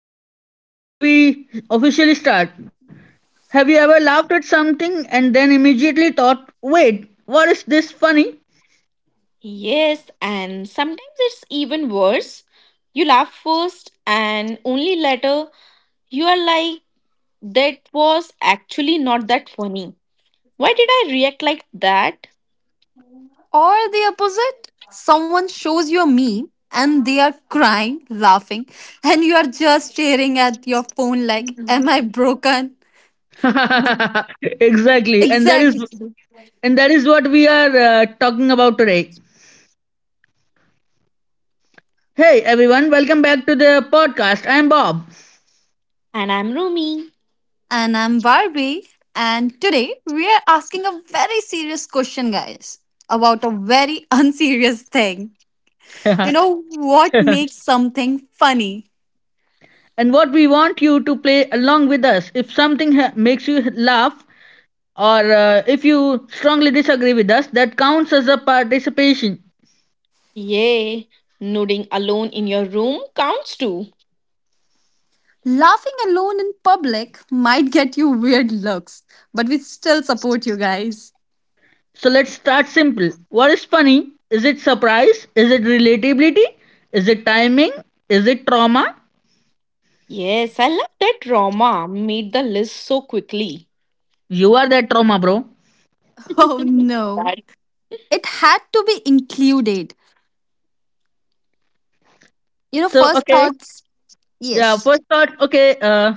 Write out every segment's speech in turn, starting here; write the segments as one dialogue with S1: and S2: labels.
S1: quick question before we officially start. Have you ever laughed at something and then immediately thought, "Wait, what is this funny?"
S2: Yes, and sometimes it's even worse. You laugh first and only later you are like, that was actually not that funny. Why did I react like that?
S3: Or the opposite, someone shows you a meme and they are crying, laughing, and you are just staring at your phone like,
S2: Mhm.
S3: am I broken?
S1: Exactly, and that is
S3: Exactly.
S1: what we are talking about today. Hey everyone, welcome back to the podcast. I'm Bob.
S2: And I'm Rumi.
S3: And I'm Barbie, and today we are asking a very serious question, guys, about a very unserious thing. You know, what makes something funny?
S1: And what we want you to play along with us. If something makes you laugh or if you strongly disagree with us, that counts as a participation.
S2: Yay, nooding alone in your room counts too.
S3: Laughing alone in public might get you weird looks, but we still support you guys.
S1: So let's start simple. What is funny? Is it surprise? Is it relatability? Is it timing? Is it trauma?
S2: Yes, I love that drama made the list so quickly.
S1: You are that trauma, bro.
S3: Oh no.
S2: But
S3: It had to be included. You know,
S1: So
S3: first
S1: okay,
S3: thoughts,
S1: yeah.
S3: yes.
S1: First thought, okay.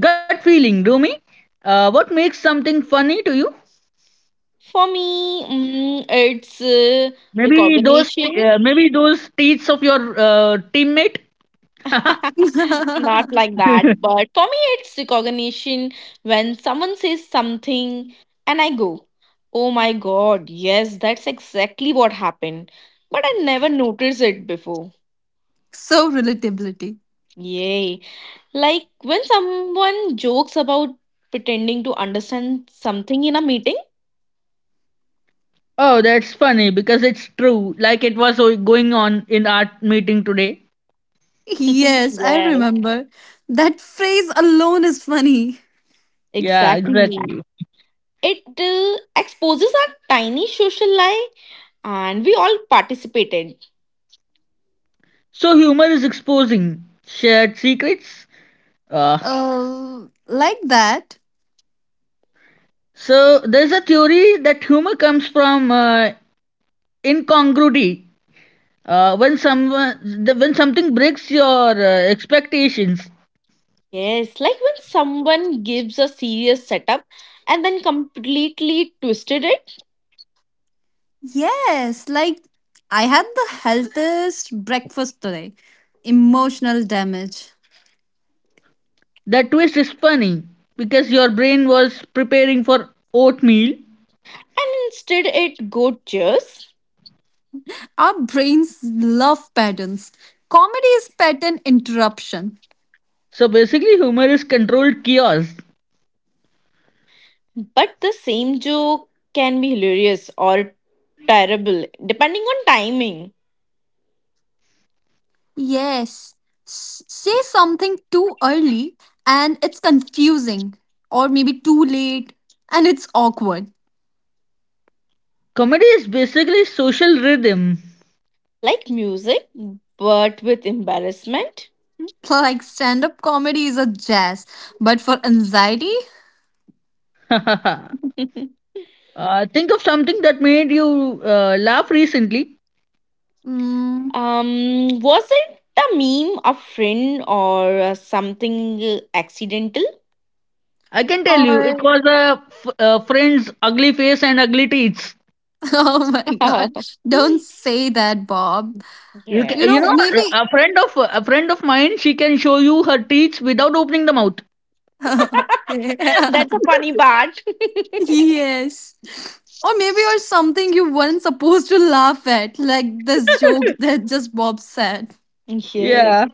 S1: Gut feeling, Rumi. What makes something funny to you?
S2: for me, it's
S1: Maybe those,
S2: recognition.
S1: maybe those teeth of your teammate.
S2: Not like that, but for me, it's recognition when someone says something and I go, oh my god, yes, that's exactly what happened. But I never noticed it before.
S3: So relatability.
S2: Yay. Like when someone jokes about pretending to understand something in a meeting.
S1: Oh, that's funny because it's true. Like it was going on in our meeting today.
S3: Yes, I
S2: Yes.
S3: remember. That phrase alone is funny.
S1: Yeah,
S2: Exactly.
S1: exactly.
S2: It exposes our tiny social lie and we all participated.
S1: So humor is exposing shared secrets. Uh,
S3: Like that.
S1: so there's a theory that humor comes from incongruity. When when something breaks your expectations.
S2: Yes, like when someone gives a serious setup and then completely twisted it,
S3: Yes, like I had the healthiest breakfast today. Emotional damage.
S1: That twist is funny because your brain was preparing for oatmeal.
S2: and instead it go cheers.
S3: Our brains love patterns. Comedy is pattern interruption.
S1: So basically, humor is controlled chaos.
S2: But the same joke can be hilarious or terrible, depending on timing.
S3: Yes. Say something too early and it's confusing, or maybe too late and it's awkward.
S1: Comedy is basically social rhythm.
S2: Like music, but with embarrassment.
S3: Like stand up comedy is a jazz, but for anxiety?
S1: uh, think of something that made you laugh recently.
S3: Mm,
S2: Um, was it a meme, a friend, or something accidental?
S1: I can tell you, it
S3: or,
S1: was a friend's ugly face and ugly teeth.
S3: oh my god, don't say that, Bob.
S1: You ca
S3: You
S1: you
S3: know,
S2: Yes.
S1: know
S3: maybe.
S1: a friend of a friend of mine. She can show you her teeth without opening the mouth.
S3: Yeah.
S2: That's a funny part.
S3: Yes. Or maybe or something you weren't supposed to laugh at, like this joke that just Bob said.
S2: Yes.
S1: Yeah,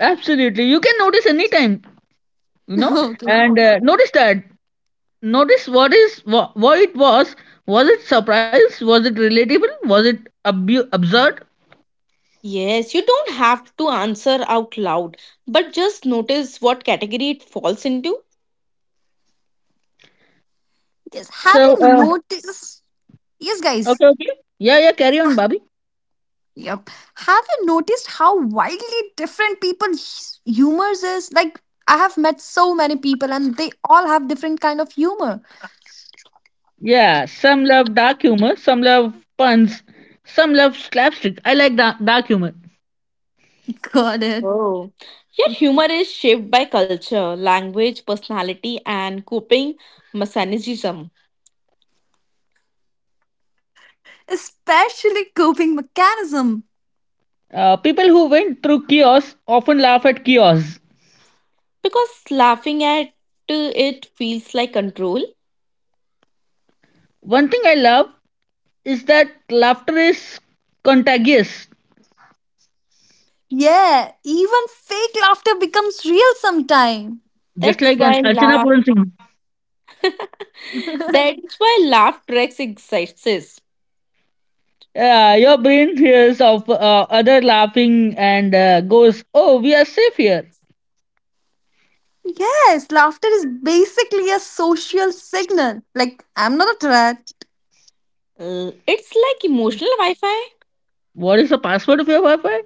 S1: absolutely. You can notice anytime, you know,
S3: Okay.
S1: and notice that. Notice what it was. Was it surprise? Was it relatable? Was it absurd?
S2: Yes, you don't have to answer out loud, but just notice what category it falls into.
S3: Yes, have
S1: So,
S3: you noticed? Yes, guys.
S1: okay, okay. Yeah, yeah. Carry on, Bobby.
S3: Yep. Have you noticed how wildly different people's humors is? Like, I have met so many people, and they all have different kind of humor.
S1: Yeah, some love dark humor, some love puns, some love slapstick. I like dark, dark humor.
S3: Got it.
S2: Oh. Your humor is shaped by culture, language, personality, and coping mechanism.
S3: Especially coping mechanism.
S1: People who went through chaos often laugh at chaos.
S2: Because laughing at it feels like control.
S1: One thing I love is that laughter is contagious,
S3: Yeah, even fake laughter becomes real sometime.
S1: just
S2: That's
S1: like an
S2: why
S1: Archana
S2: laugh.
S1: Puran Singh.
S2: That's why laugh tracks exist.
S1: Yeah, your brain hears of other laughing and goes, "Oh, we are safe here."
S3: Yes, laughter is basically a social signal. Like, I'm not a
S2: It's like emotional Wi-Fi.
S1: What is the password of your Wi-Fi?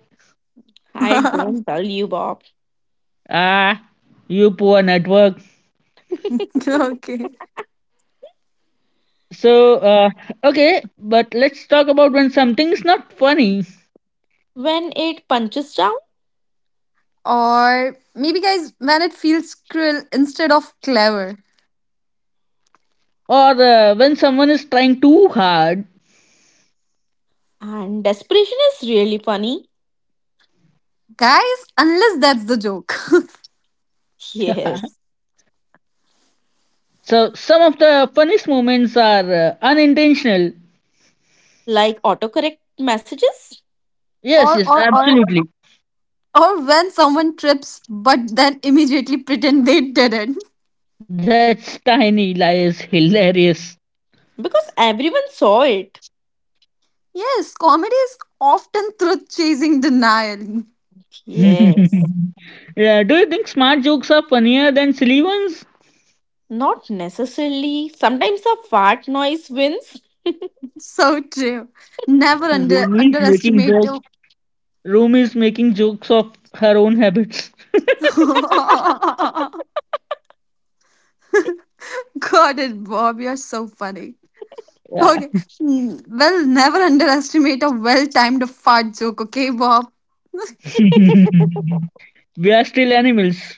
S2: I
S3: threat.
S2: don't tell you, Bob.
S1: Ah, you poor network.
S3: Okay.
S1: So, okay, but let's talk about when something is not funny
S2: When it punches down,
S3: Or maybe, guys, when it feels cruel instead of clever.
S1: or when someone is trying too hard.
S2: and desperation is really funny.
S3: Guys, unless that's the joke.
S2: Yes,
S1: Some of the funniest moments are unintentional.
S2: like autocorrect messages
S1: Yes,
S3: or,
S1: yes,
S3: or, or,
S1: absolutely.
S3: or when someone trips but then immediately pretend they didn't.
S1: That's tiny lies hilarious.
S2: because everyone saw it.
S3: Yes, comedy is often truth chasing denial.
S2: Yes.
S1: yeah, do you think smart jokes are funnier than silly ones?
S2: Not necessarily. Sometimes a fart noise wins.
S3: So true. Never
S1: Rumi is making
S3: underestimate.
S1: jokes. Rumi is making jokes of her own habits.
S3: Got it, Bob. You're so funny.
S1: Yeah.
S3: Okay. Mm, well, never underestimate a well timed fart joke, okay, Bob?
S1: We are still animals.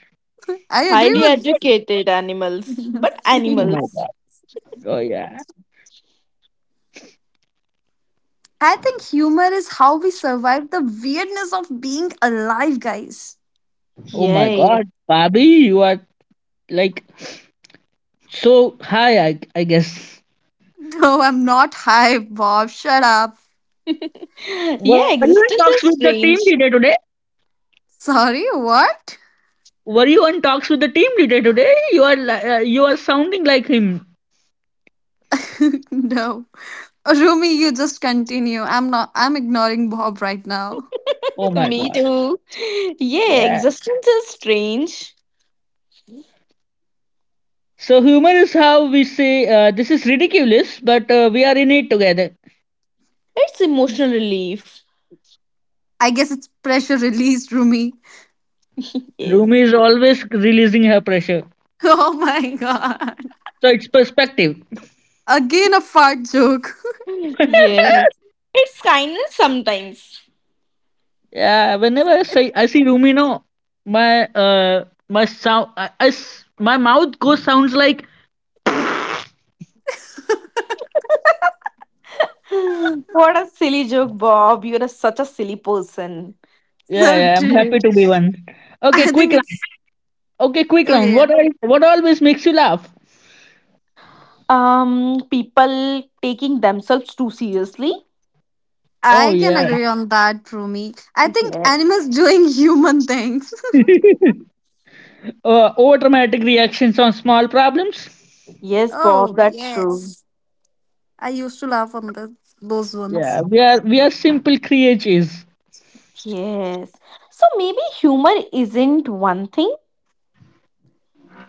S3: I agree
S2: Highly
S3: with
S2: educated animals, but
S1: Oh my
S3: sweet.
S2: animals.
S1: god. Oh yeah.
S3: I think humor is how we survive the weirdness of being alive, guys.
S1: Oh my
S2: Yay.
S1: god. Bobby, you are like so high, I guess.
S3: No, I'm not hype, Bob. Shut up.
S2: Yeah,
S1: Were you in
S2: existence
S1: talks
S2: is
S1: with the team
S2: strange.
S1: leader today?
S3: Sorry, what?
S1: Were you on talks with the team leader today? You are you are sounding like him.
S3: No. Rumi, you just continue. I'm not I'm ignoring Bob right now.
S1: Oh my
S2: Me
S1: god.
S2: too. Yeah,
S1: Yeah.
S2: existence is strange.
S1: So humor is how we say this is ridiculous, but we are in it together.
S2: It's emotional relief.
S3: I guess it's pressure release, Rumi.
S1: Rumi
S2: Yes.
S1: is always releasing her pressure.
S3: Oh my god.
S1: So it's perspective.
S3: Again a fart joke.
S2: Yeah. It's kindness sometimes.
S1: Yeah, whenever I
S3: It's
S1: say I see Rumi, no, my uh my sound, my mouth goes sounds like
S2: What a silly joke, Bob. You're such a silly person.
S1: yeah,
S3: so
S1: yeah. I'm
S3: true.
S1: happy to be one. Okay,
S3: I think
S1: quick round.
S3: it's
S1: Okay, quick
S3: okay.
S1: round.
S3: Yeah.
S1: What always makes you laugh?
S2: People taking themselves too seriously.
S1: Oh
S3: I can
S1: yeah.
S3: agree on that, Rumi. I think
S2: Yes.
S3: animals doing human things.
S1: Over dramatic reactions on small problems.
S2: Yes, Bob,
S3: Oh,
S2: that's true.
S3: yes. I used to laugh on the, those
S1: Yeah,
S3: ones.
S1: we are simple creatures
S2: Yes. So maybe humor isn't one thing,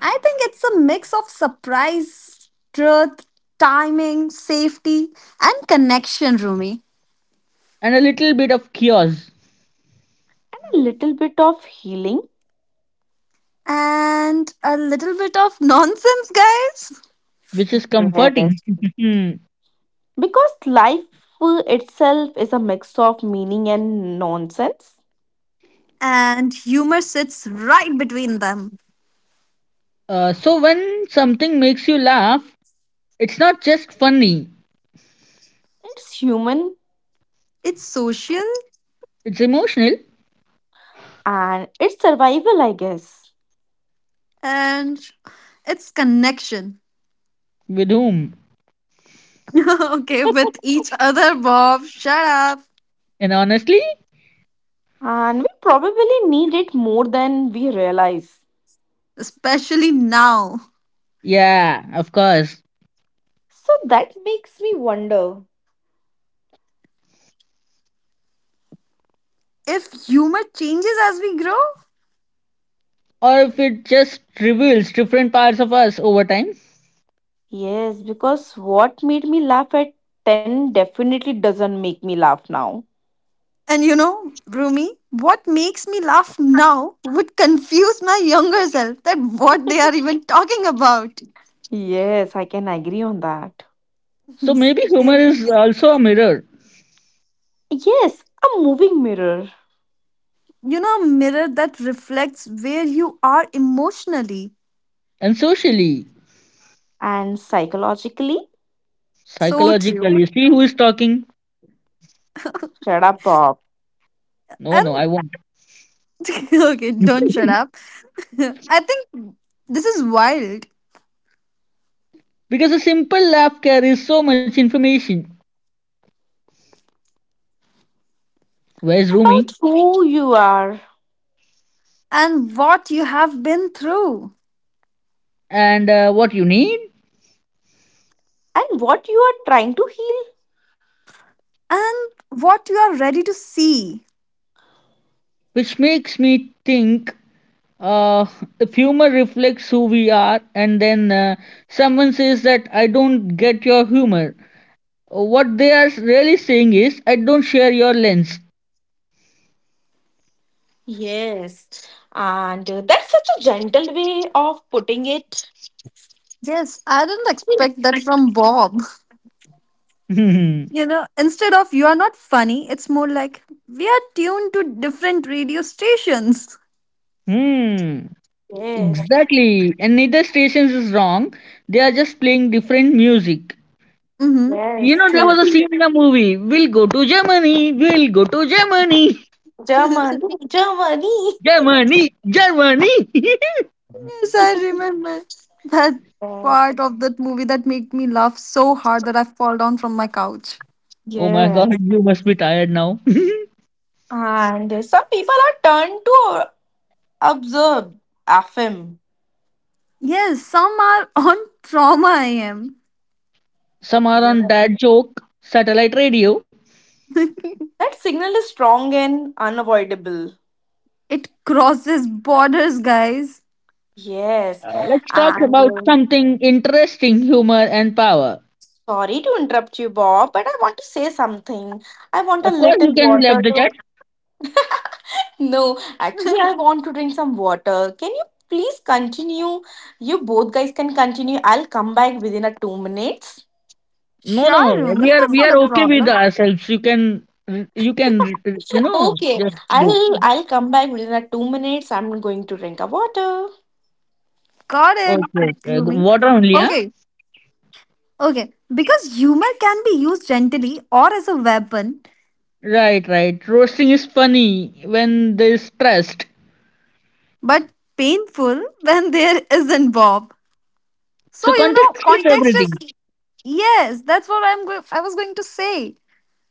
S3: I think it's a mix of surprise, truth, timing, safety, and connection, Rumi.
S1: and a little bit of chaos.
S2: a little bit of healing.
S3: And a little bit of nonsense, guys.
S1: Which is comforting.
S2: Yes. Because life itself is a mix of meaning and nonsense.
S3: And humor sits right between them.
S1: So when something makes you laugh, it's not just funny,
S2: It's human
S3: It's social
S1: it's emotional
S2: and it's survival, I guess.
S3: and it's connection.
S1: with whom?
S3: Okay, with each other, Bob. Shut up.
S1: And honestly,
S2: And we probably need it more than we realize.
S3: Especially now.
S1: yeah, of course.
S2: So that makes me wonder.
S3: If humor changes as we grow,
S1: Or if it just reveals different parts of us over time.
S2: Yes, because what made me laugh at 10 definitely doesn't make me laugh now.
S3: and you know, Rumi, what makes me laugh now would confuse my younger self that what they are even talking about.
S2: Yes, I can agree on that.
S1: So maybe humor
S3: Yeah.
S1: is also a mirror.
S2: Yes, a moving mirror.
S3: You know, a mirror that reflects where you are emotionally.
S1: And socially,
S2: And psychologically,
S3: So true.
S1: psychologically, see who is talking.
S2: shut up, Bob.
S1: No, no, I
S3: And
S1: won't.
S3: okay, don't shut up. I think this is wild.
S1: Because a simple laugh carries so much information. Where's
S2: About
S1: Rumi?
S2: who you are
S3: And what you have been through.
S1: And what you need?
S2: and what you are trying to heal.
S3: And what you are ready to see.
S1: Which makes me think uh, the humor reflects who we are, and then someone says that I don't get your humor. What they are really saying is I don't share your lens.
S2: Yes, and that's such a gentle way of putting it.
S3: Yes, I didn't expect that from Bob. You know, instead of you are not funny, it's more like we are tuned to different radio stations.
S1: Hmm.
S2: Yes,
S1: Exactly, and neither stations is wrong. They are just playing different music.
S3: Mm-hmm.
S1: You
S2: yes.
S1: know, there
S2: Some
S3: True.
S1: was a scene in a movie, we'll go to Germany, we'll go to Germany,
S2: Germany, Germany.
S1: Germany, Germany.
S3: Yes, I remember that
S2: Yes.
S3: part of that movie that made me laugh so hard that I fall down from my couch.
S1: Oh my god,
S2: Yes.
S1: you must be tired now.
S2: And some people are turned to observe, affirm.
S3: Yes, some are on trauma I am.
S1: Some are on dad joke satellite radio.
S2: That signal is strong and unavoidable.
S3: It crosses borders, guys.
S2: Yes.
S1: Let's talk
S2: And
S1: about something interesting: humor and power.
S2: sorry to interrupt you, Bob, but I want to say something. I want a
S1: Of course,
S2: little
S1: you can
S2: water
S1: leave the
S2: to.
S1: chat.
S2: No, actually, I want to drink some water. Can you please continue? You both guys can continue. I'll come back within a 2 minutes.
S1: No, no,
S3: Sure, Rumi,
S1: we
S3: that's
S1: are
S3: not a
S1: okay
S3: problem.
S1: with ourselves. You can,
S2: Okay.
S1: just go.
S2: I'll come back within a 2 minutes. I'm going to drink a water.
S3: Got it,
S1: Okay, okay.
S3: Rumi.
S1: Water only, huh?
S3: Okay, okay. Because humor can be used gently or as a weapon
S1: Right, right. Roasting is funny when there's stressed.
S3: but painful when there isn't Bob. So
S1: So
S3: you
S1: context
S3: know,
S1: is
S3: context
S1: everything.
S3: is yes. That's what I was going to say.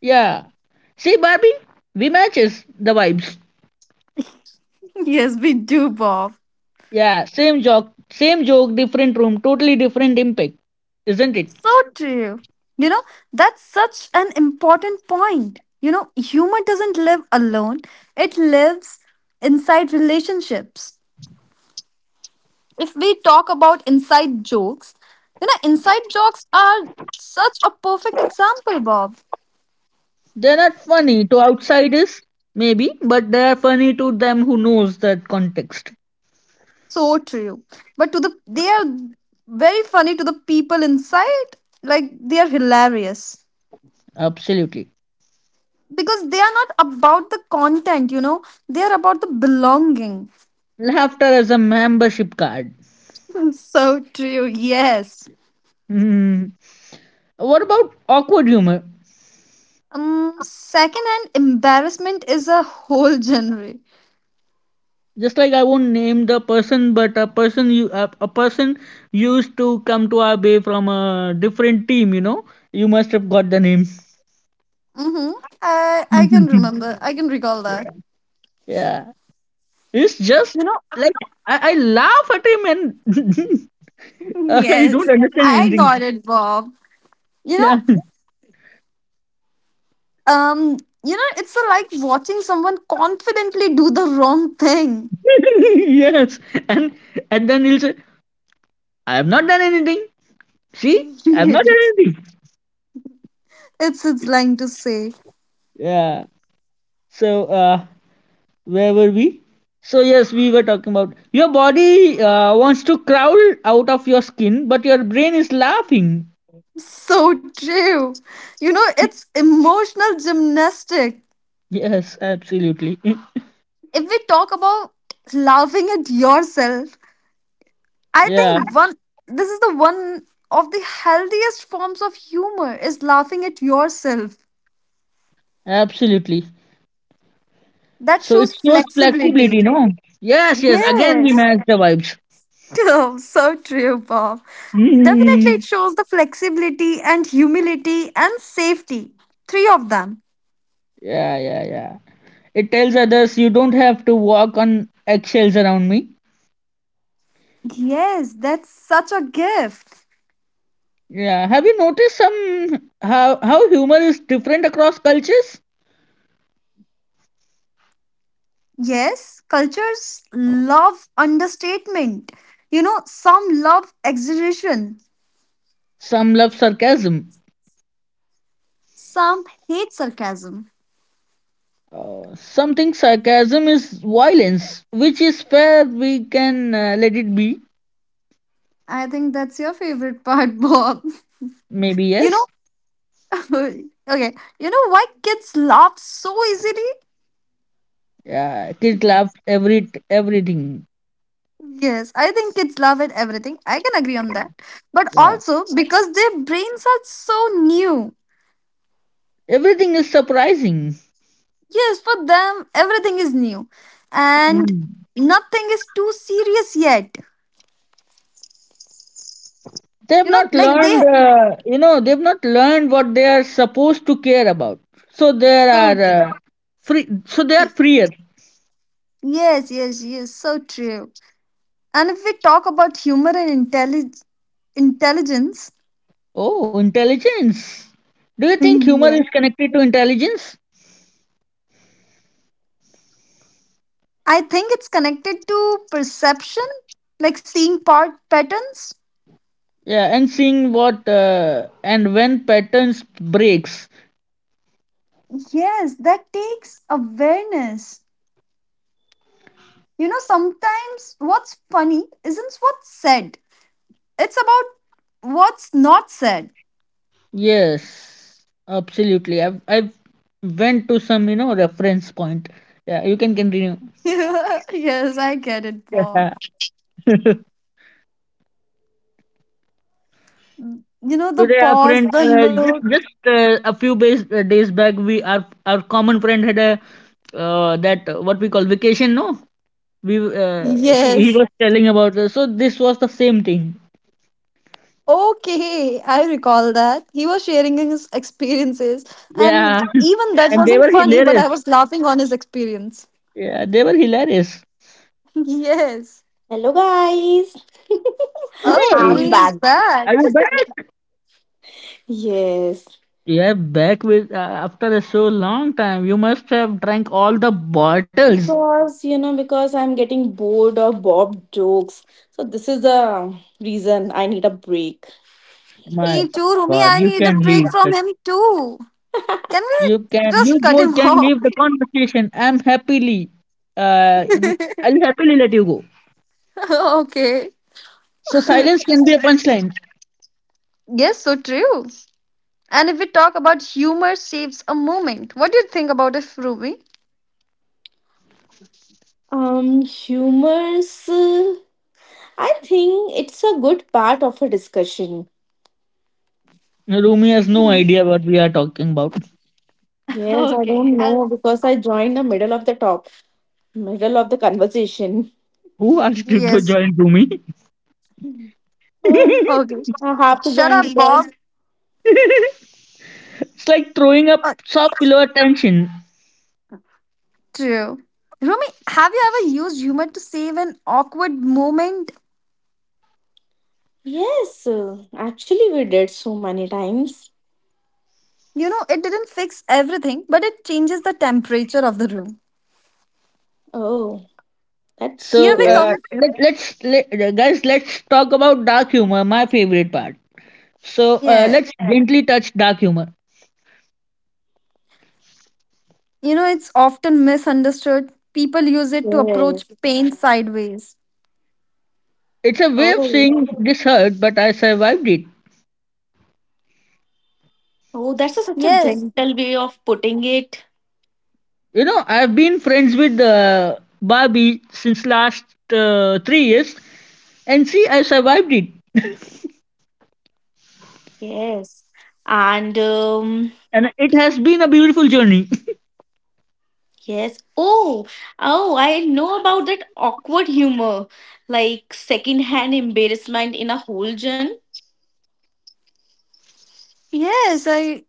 S1: Yeah. See, Barbie, we matches the vibes.
S3: Yes, we do, Bob.
S1: Yeah, same joke, different room, totally different impact, isn't it?
S3: So true. You know, that's such an important point. You know, humor doesn't live alone. It lives inside relationships. If we talk about inside jokes, you know, inside jokes are such a perfect example, Bob.
S1: They're not funny to outsiders, maybe, but they are funny to them who knows that context.
S3: So true. But to the they are very funny to the people inside. Like they are hilarious.
S1: Absolutely.
S3: Because they are not about the content, you know. They are about the belonging.
S1: Laughter as a membership card.
S3: So true. Yes.
S1: Hmm. What about awkward humor?
S3: Secondhand embarrassment is a whole genre.
S1: Just like I won't name the person, but a person used to come to our bay from a different team. You know, you must have got the name.
S3: Mhm. I can remember. I can recall that.
S1: Yeah, it's just
S3: You know,
S1: like I laugh at him and I don't
S3: yes.
S1: understand
S3: I
S1: anything.
S3: got it, Bob. You
S1: Yeah.
S3: know, um you know like watching someone confidently do the wrong thing
S1: Yes. And and then he'll say, I have not done anything. See? I have not done
S3: yes,
S1: anything.
S3: it's its line to say.
S1: Yeah. So where were we? So yes, we were talking about your body wants to crawl out of your skin, but your brain is laughing.
S3: So true. You know, it's emotional gymnastic.
S1: Yes, absolutely.
S3: If we talk about laughing at yourself, I
S1: Yeah,
S3: think one this is the one of the healthiest forms of humor is laughing at yourself.
S1: absolutely.
S3: That
S1: So it
S3: shows
S1: shows
S3: flexibility.
S1: flexibility, no? Yes, yes. Again, we
S3: Yes.
S1: match the vibes.
S3: Oh, so true, Bob. Definitely
S1: Mm.
S3: it shows the flexibility and humility and safety. Three of them.
S1: Yeah, yeah, yeah. It tells others you don't have to walk on eggshells around me.
S3: Yes, that's such a gift.
S1: Yeah. Have you noticed some how humor is different across cultures?
S3: Yes, cultures love understatement. You know, some love exaggeration,
S1: Some love sarcasm.
S3: some hate sarcasm.
S1: Some think sarcasm is violence, which is fair. We can let it be.
S3: I think that's your favorite part, Bob.
S1: Maybe
S3: You know,
S1: yes.
S3: okay, you know why kids laugh so easily?
S1: Yeah. Kids love everything.
S3: Yes, I think kids laugh at everything. I can agree on that. But
S1: Yeah.
S3: also because their brains are so new.
S1: Everything is surprising.
S3: Yes, for them, everything is new and
S1: Mm.
S3: nothing is too serious yet.
S1: They have
S3: You know,
S1: not
S3: like
S1: learned.
S3: they.
S1: You know, they have not learned what they are supposed to care about. So there
S3: So true.
S1: are free. So they are freer.
S3: Yes, yes, yes, so true. And if we talk about humor and intelligence,
S1: Oh, intelligence. Do you think humor
S3: yes.
S1: is connected to intelligence?
S3: I think it's connected to perception, like seeing part patterns.
S1: Yeah, and seeing what and when patterns breaks.
S3: Yes, that takes awareness. You know, sometimes what's funny isn't what's said, it's about what's not said.
S1: Yes, absolutely. I've went to some reference point. Yeah, you can continue.
S3: Yes, I get it, Bob.
S1: Yeah.
S3: You know, the
S1: Today, our
S3: pause,
S1: friend,
S3: the
S1: just
S3: look.
S1: just a few days back, we our common friend had a, that what we call, vacation. No, we he
S3: Yes.
S1: was telling about. So this was the same thing.
S3: Okay, I recall that. He was sharing his experiences, and
S1: Yeah,
S3: even that
S1: and they
S3: wasn't
S1: were
S3: funny, but
S1: hilarious.
S3: I was laughing on his experience.
S1: Yeah, they were hilarious.
S3: Yes.
S2: Hello guys,
S3: Oh,
S1: Hey,
S2: I'm
S3: Rumi is
S2: back.
S1: are you
S3: back.
S1: back?
S2: Yes,
S1: Yeah, back with after a so long time. You must have drank all the bottles.
S2: because you know, because I'm getting bored of Bob jokes. So this is the reason I need a break.
S1: My
S3: Me
S1: God,
S3: too,
S1: you
S3: Rumi.
S1: can
S3: I
S1: leave
S3: need a
S1: the.
S3: break from him too. Can
S1: You can.
S3: we
S1: You
S3: just
S1: both
S3: cut him
S1: can leave the
S3: off?
S1: conversation. I'm happily. Uh, I'll happily let you go.
S3: Okay.
S1: So silence can be a punchline.
S3: Yes, so true. And if we talk about humor saves a moment, what do you think about it, Rumi?
S2: Humor's. I think it's a good part of a discussion.
S1: Rumi has no idea what we are talking about.
S2: Yes, I don't know because I joined the middle of the top, middle of the conversation.
S1: Who asked you to
S3: Yes.
S1: join Rumi?
S2: Oh,
S1: It's
S3: Okay.
S2: I have to
S3: Shut
S2: join
S3: up, Bob.
S2: because.
S1: like throwing a
S3: Uh,
S1: soft pillow attention.
S3: true. Rumi, have you ever used humor to save an awkward moment?
S2: Yes, actually, we did so many times.
S3: You know, it didn't fix everything, but it changes the temperature of the room.
S2: Oh, that's
S3: Here
S1: So
S3: we
S2: good.
S3: come.
S1: guys let's talk about dark humor, my favorite part. So
S3: Yeah.
S1: let's gently touch dark humor.
S3: You know, it's often misunderstood. People use it to approach
S2: Yes.
S3: pain sideways.
S1: It's a way of
S2: Oh,
S1: saying this hurt, but I survived it.
S2: oh, that's such a
S3: Yes.
S2: gentle way of putting it.
S1: You know, I've been friends with Barbie since last 3 years, and see, I survived it,
S2: Yes. And
S1: and it has been a beautiful journey.
S2: yes. Oh, oh, I know about that awkward humor, like secondhand embarrassment in a whole gen.
S3: Yes, I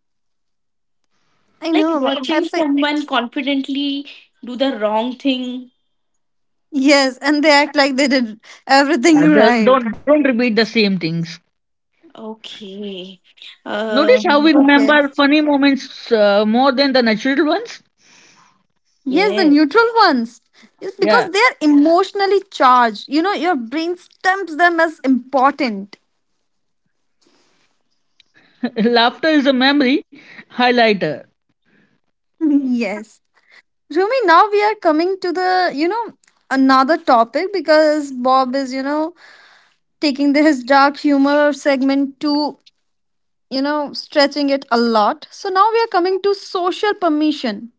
S3: I
S2: Like
S3: know. I
S2: watching
S3: think
S2: someone confidently do the wrong thing.
S3: yes, and they act like they did everything
S1: Uh, don't
S3: right.
S1: don't don't repeat the same things.
S2: Okay.
S1: Notice how we
S2: Um,
S3: Okay.
S1: remember funny moments more than the natural ones.
S3: Yes, the
S2: yeah.
S3: neutral ones. Yes,
S1: Yeah,
S3: because they are emotionally charged. You know, your brain stamps them as important.
S1: laughter is a memory highlighter.
S3: Yes. Rumi, now we are coming to the, you know, another topic because Bob is, you know, taking the, his dark humor segment to, you know, stretching it a lot. So now we are coming to social permission.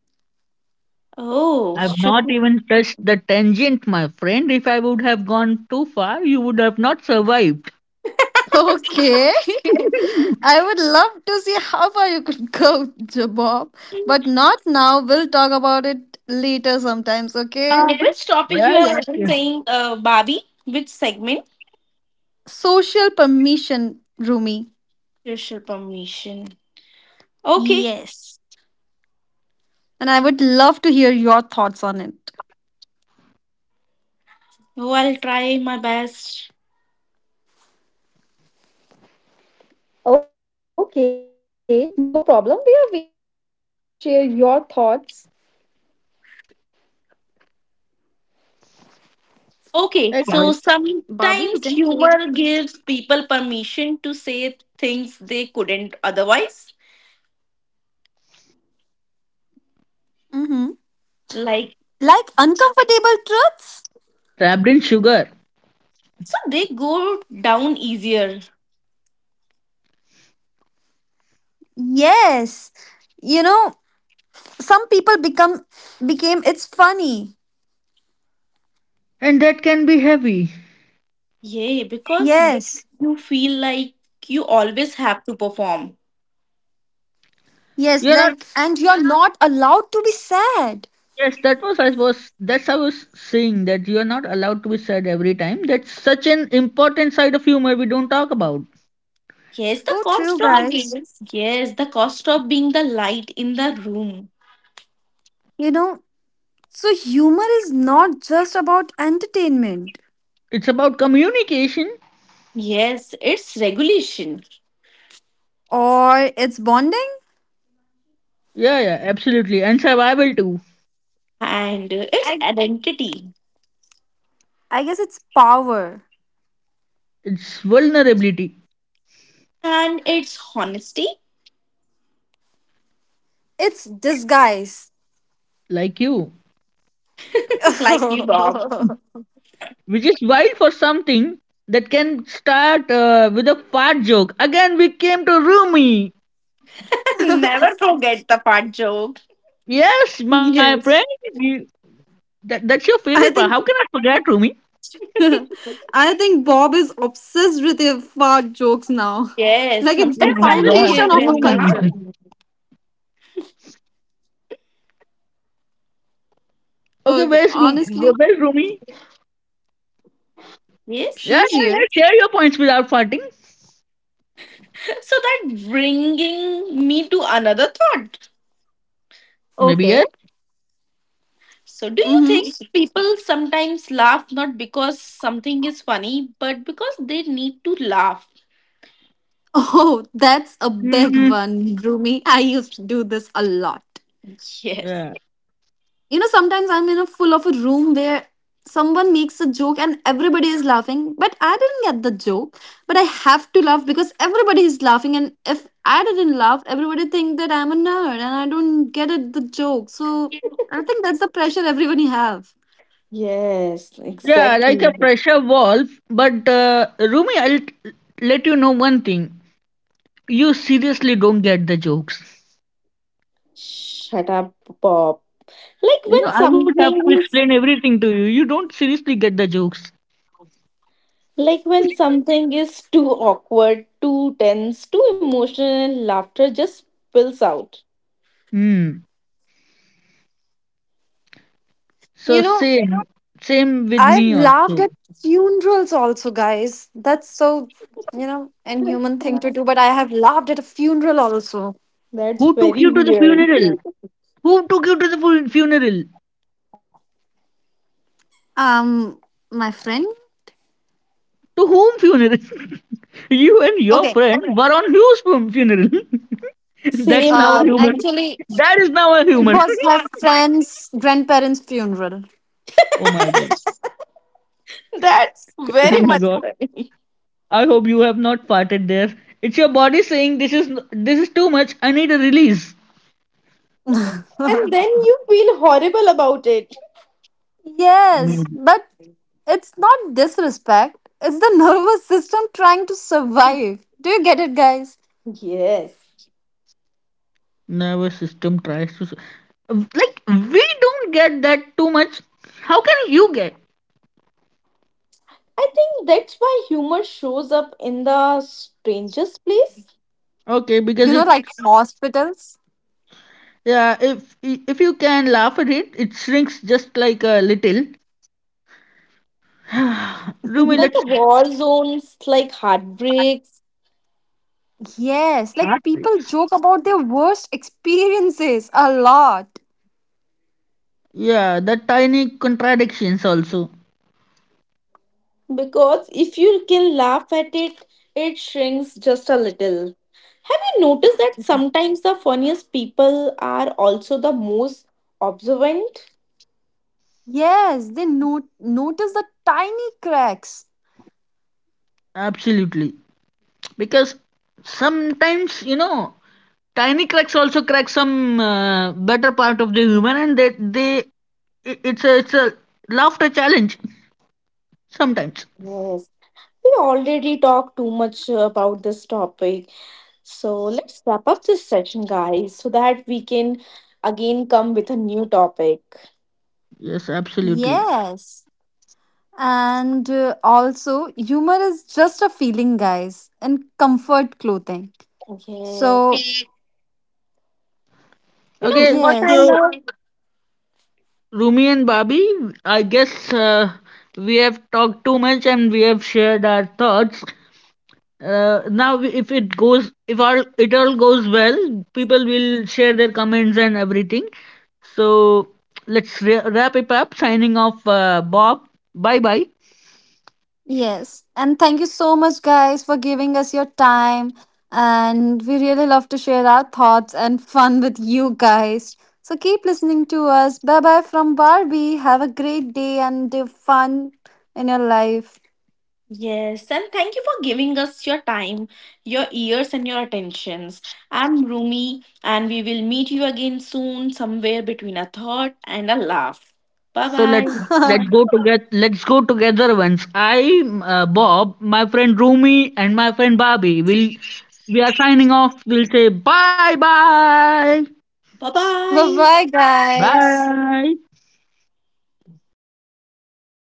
S2: Oh,
S1: I've
S2: should
S1: not even touched the tangent, my friend. If I would have gone too far, you would have not survived.
S3: Okay. I would love to see how far you could go, Bob, but not now. We'll talk about it later sometimes, okay?
S2: which topic
S1: Yeah,
S2: you
S1: yeah,
S2: are
S1: yeah.
S2: saying, Bobby? Which segment?
S3: Social permission, Rumi.
S2: Social permission. Okay.
S3: Yes. And I would love to hear your thoughts on it.
S2: Oh, I'll try my best.
S3: Okay, no problem. We are waiting for you to share your thoughts.
S2: Okay,
S1: Hey,
S2: so
S1: guys.
S3: Barbie, you can
S2: sometimes
S3: take.
S2: humor gives people permission to say things they couldn't otherwise.
S3: Mm-hmm.
S2: Like,
S3: Like uncomfortable truths?
S1: Trapped in sugar.
S2: so they go down easier.
S3: Yes. You know, some people become became it's funny.
S1: And that can be heavy.
S2: Yeah, because
S3: Yes.
S2: you feel like you always have to perform.
S3: Yes.
S1: You're not,
S3: Like, and you're not allowed to be sad.
S1: yes, that was I was saying that you're not allowed to be sad every time. That's such an important side of humor we don't talk about.
S2: Yes, the
S3: So
S2: cost
S3: true,
S2: of
S3: guys.
S2: yes, the cost of being the light in the room.
S3: You know, so humor is not just about entertainment
S1: It's about communication.
S2: Yes, it's regulation
S3: or it's bonding.
S1: Yeah, yeah, absolutely. And survival too.
S2: and it's
S3: I,
S2: identity
S3: I guess it's power,
S1: It's vulnerability.
S2: and it's honesty.
S3: it's disguise.
S1: Like you.
S2: Like you, Bob.
S1: Which is wild for something that can start with a fart joke. Again, we came to Rumi.
S2: Never forget the fart joke.
S1: Yes, my friend,
S3: Yes.
S1: we, that's your favorite
S3: I
S1: part. How
S3: think
S1: can I forget Rumi?
S3: I think Bob is obsessed with your fart jokes now.
S2: Yes,
S3: Like it's the
S1: Oh
S2: sometimes
S1: my
S2: I will
S1: God,
S3: foundation
S2: give
S3: of a
S2: him now.
S1: Rumi.
S3: culture.
S1: Okay,
S3: Okay,
S1: where's Rumi?
S3: honestly,
S1: Where's Rumi? Yeah,
S2: Yes.
S3: she's
S1: yeah,
S3: here.
S1: yeah. Share your points without farting.
S2: So that bringing me to another thought.
S1: Maybe
S3: Okay.
S1: yes.
S2: So do you think
S3: Mm-hmm.
S2: people sometimes laugh not because something is funny, but because they need to laugh?
S3: Oh, that's a big
S1: Mm,
S3: one, Rumi. I used to do this a lot.
S2: Yes.
S1: yeah,
S3: You know, sometimes I'm in a full of a room where someone makes a joke and everybody is laughing, but I didn't get the joke. But I have to laugh because everybody is laughing, and if I didn't laugh, everybody think that I'm a nerd and I don't get it the joke. So I think that's the pressure everybody have.
S2: Yes,
S1: yeah, like a
S2: exactly.
S1: pressure valve. But Rumi, I'll let you know one thing. You seriously don't get the jokes.
S2: Shut up, Bob. Like
S1: You know,
S2: when
S1: I would have to
S2: something is
S1: explain everything to you. You don't seriously get the jokes.
S2: like when something is too awkward, too tense, too emotional, laughter just spills out.
S1: Hmm.
S3: You
S1: So
S3: know,
S1: same, same with
S3: I've
S1: me
S3: laughed
S1: also.
S3: at funerals also, guys. That's so, you know, inhuman thing to do, but I have laughed at a funeral also.
S2: That's
S1: Who took
S2: very
S1: you to the
S2: weird.
S1: funeral? Who took you to the funeral?
S3: Um, my friend?
S1: To whom funeral? You and your
S3: Okay.
S1: friend were on whose funeral? That's
S2: Same,
S1: now a human.
S2: Bobby.
S3: Actually,
S1: That is now a
S3: it
S1: human.
S3: was my friend's grandparents' funeral.
S1: Oh my god.
S2: That's
S1: Oh my
S2: very much
S1: god.
S2: funny.
S1: I hope you have not farted there. It's your body saying this is too much. I need a release.
S2: And then you feel horrible about it.
S3: Yes,
S1: Maybe.
S3: but it's not disrespect. It's the nervous system trying to survive. Do you get it, guys?
S2: Yes.
S1: Nervous system tries to, like, we don't get that too much. How can you get?
S2: I think that's why humor shows up in the strangest place.
S1: Okay, because
S3: You know,
S1: it.
S3: like hospitals?
S1: Yeah, if you can laugh at it, it shrinks just like a little. Rumi,
S2: Like
S1: let's
S2: a war zones, like heartbreaks.
S3: Yes,
S1: start
S3: like people
S1: with-
S3: joke about their worst experiences a lot.
S1: yeah, the tiny contradictions also.
S2: Because if you can laugh at it, it shrinks just a little. Have you noticed that sometimes the funniest people are also the most observant?
S3: Yes, they notice the tiny cracks.
S1: Absolutely, because sometimes tiny cracks also crack some better part of the human, and they it's a laughter challenge sometimes.
S2: Yes. We already talked too much about this topic. So let's wrap up this session, guys, so that we can again come with a new topic.
S1: Yes, absolutely.
S3: Yes. And also, humor is just a feeling, guys, and comfort clothing.
S2: Yeah.
S3: So,
S2: You know
S1: Okay,
S2: what I
S3: yes,
S1: so
S2: love?
S1: Rumi and Babi, I guess we have talked too much and we have shared our thoughts. Now, if all goes well, people will share their comments and everything. So let's wrap it up. Signing off, Bob. Bye bye.
S3: yes. And thank you so much, guys, for giving us your time. And we really love to share our thoughts and fun with you guys. So, keep listening to us. Bye bye from Barbie. Have a great day and fun in your life.
S2: Yes, and thank you for giving us your time, your ears, and your attentions. I'm Rumi, and we will meet you again soon, somewhere between a thought and a laugh. Bye
S1: So let's
S2: bye.
S1: go together. Let's go together once. I, Bob, my friend Rumi, and my friend Babi will. We are signing off. We'll say bye bye.
S2: Bye
S3: Bye
S2: bye.
S3: bye, guys.
S1: Bye.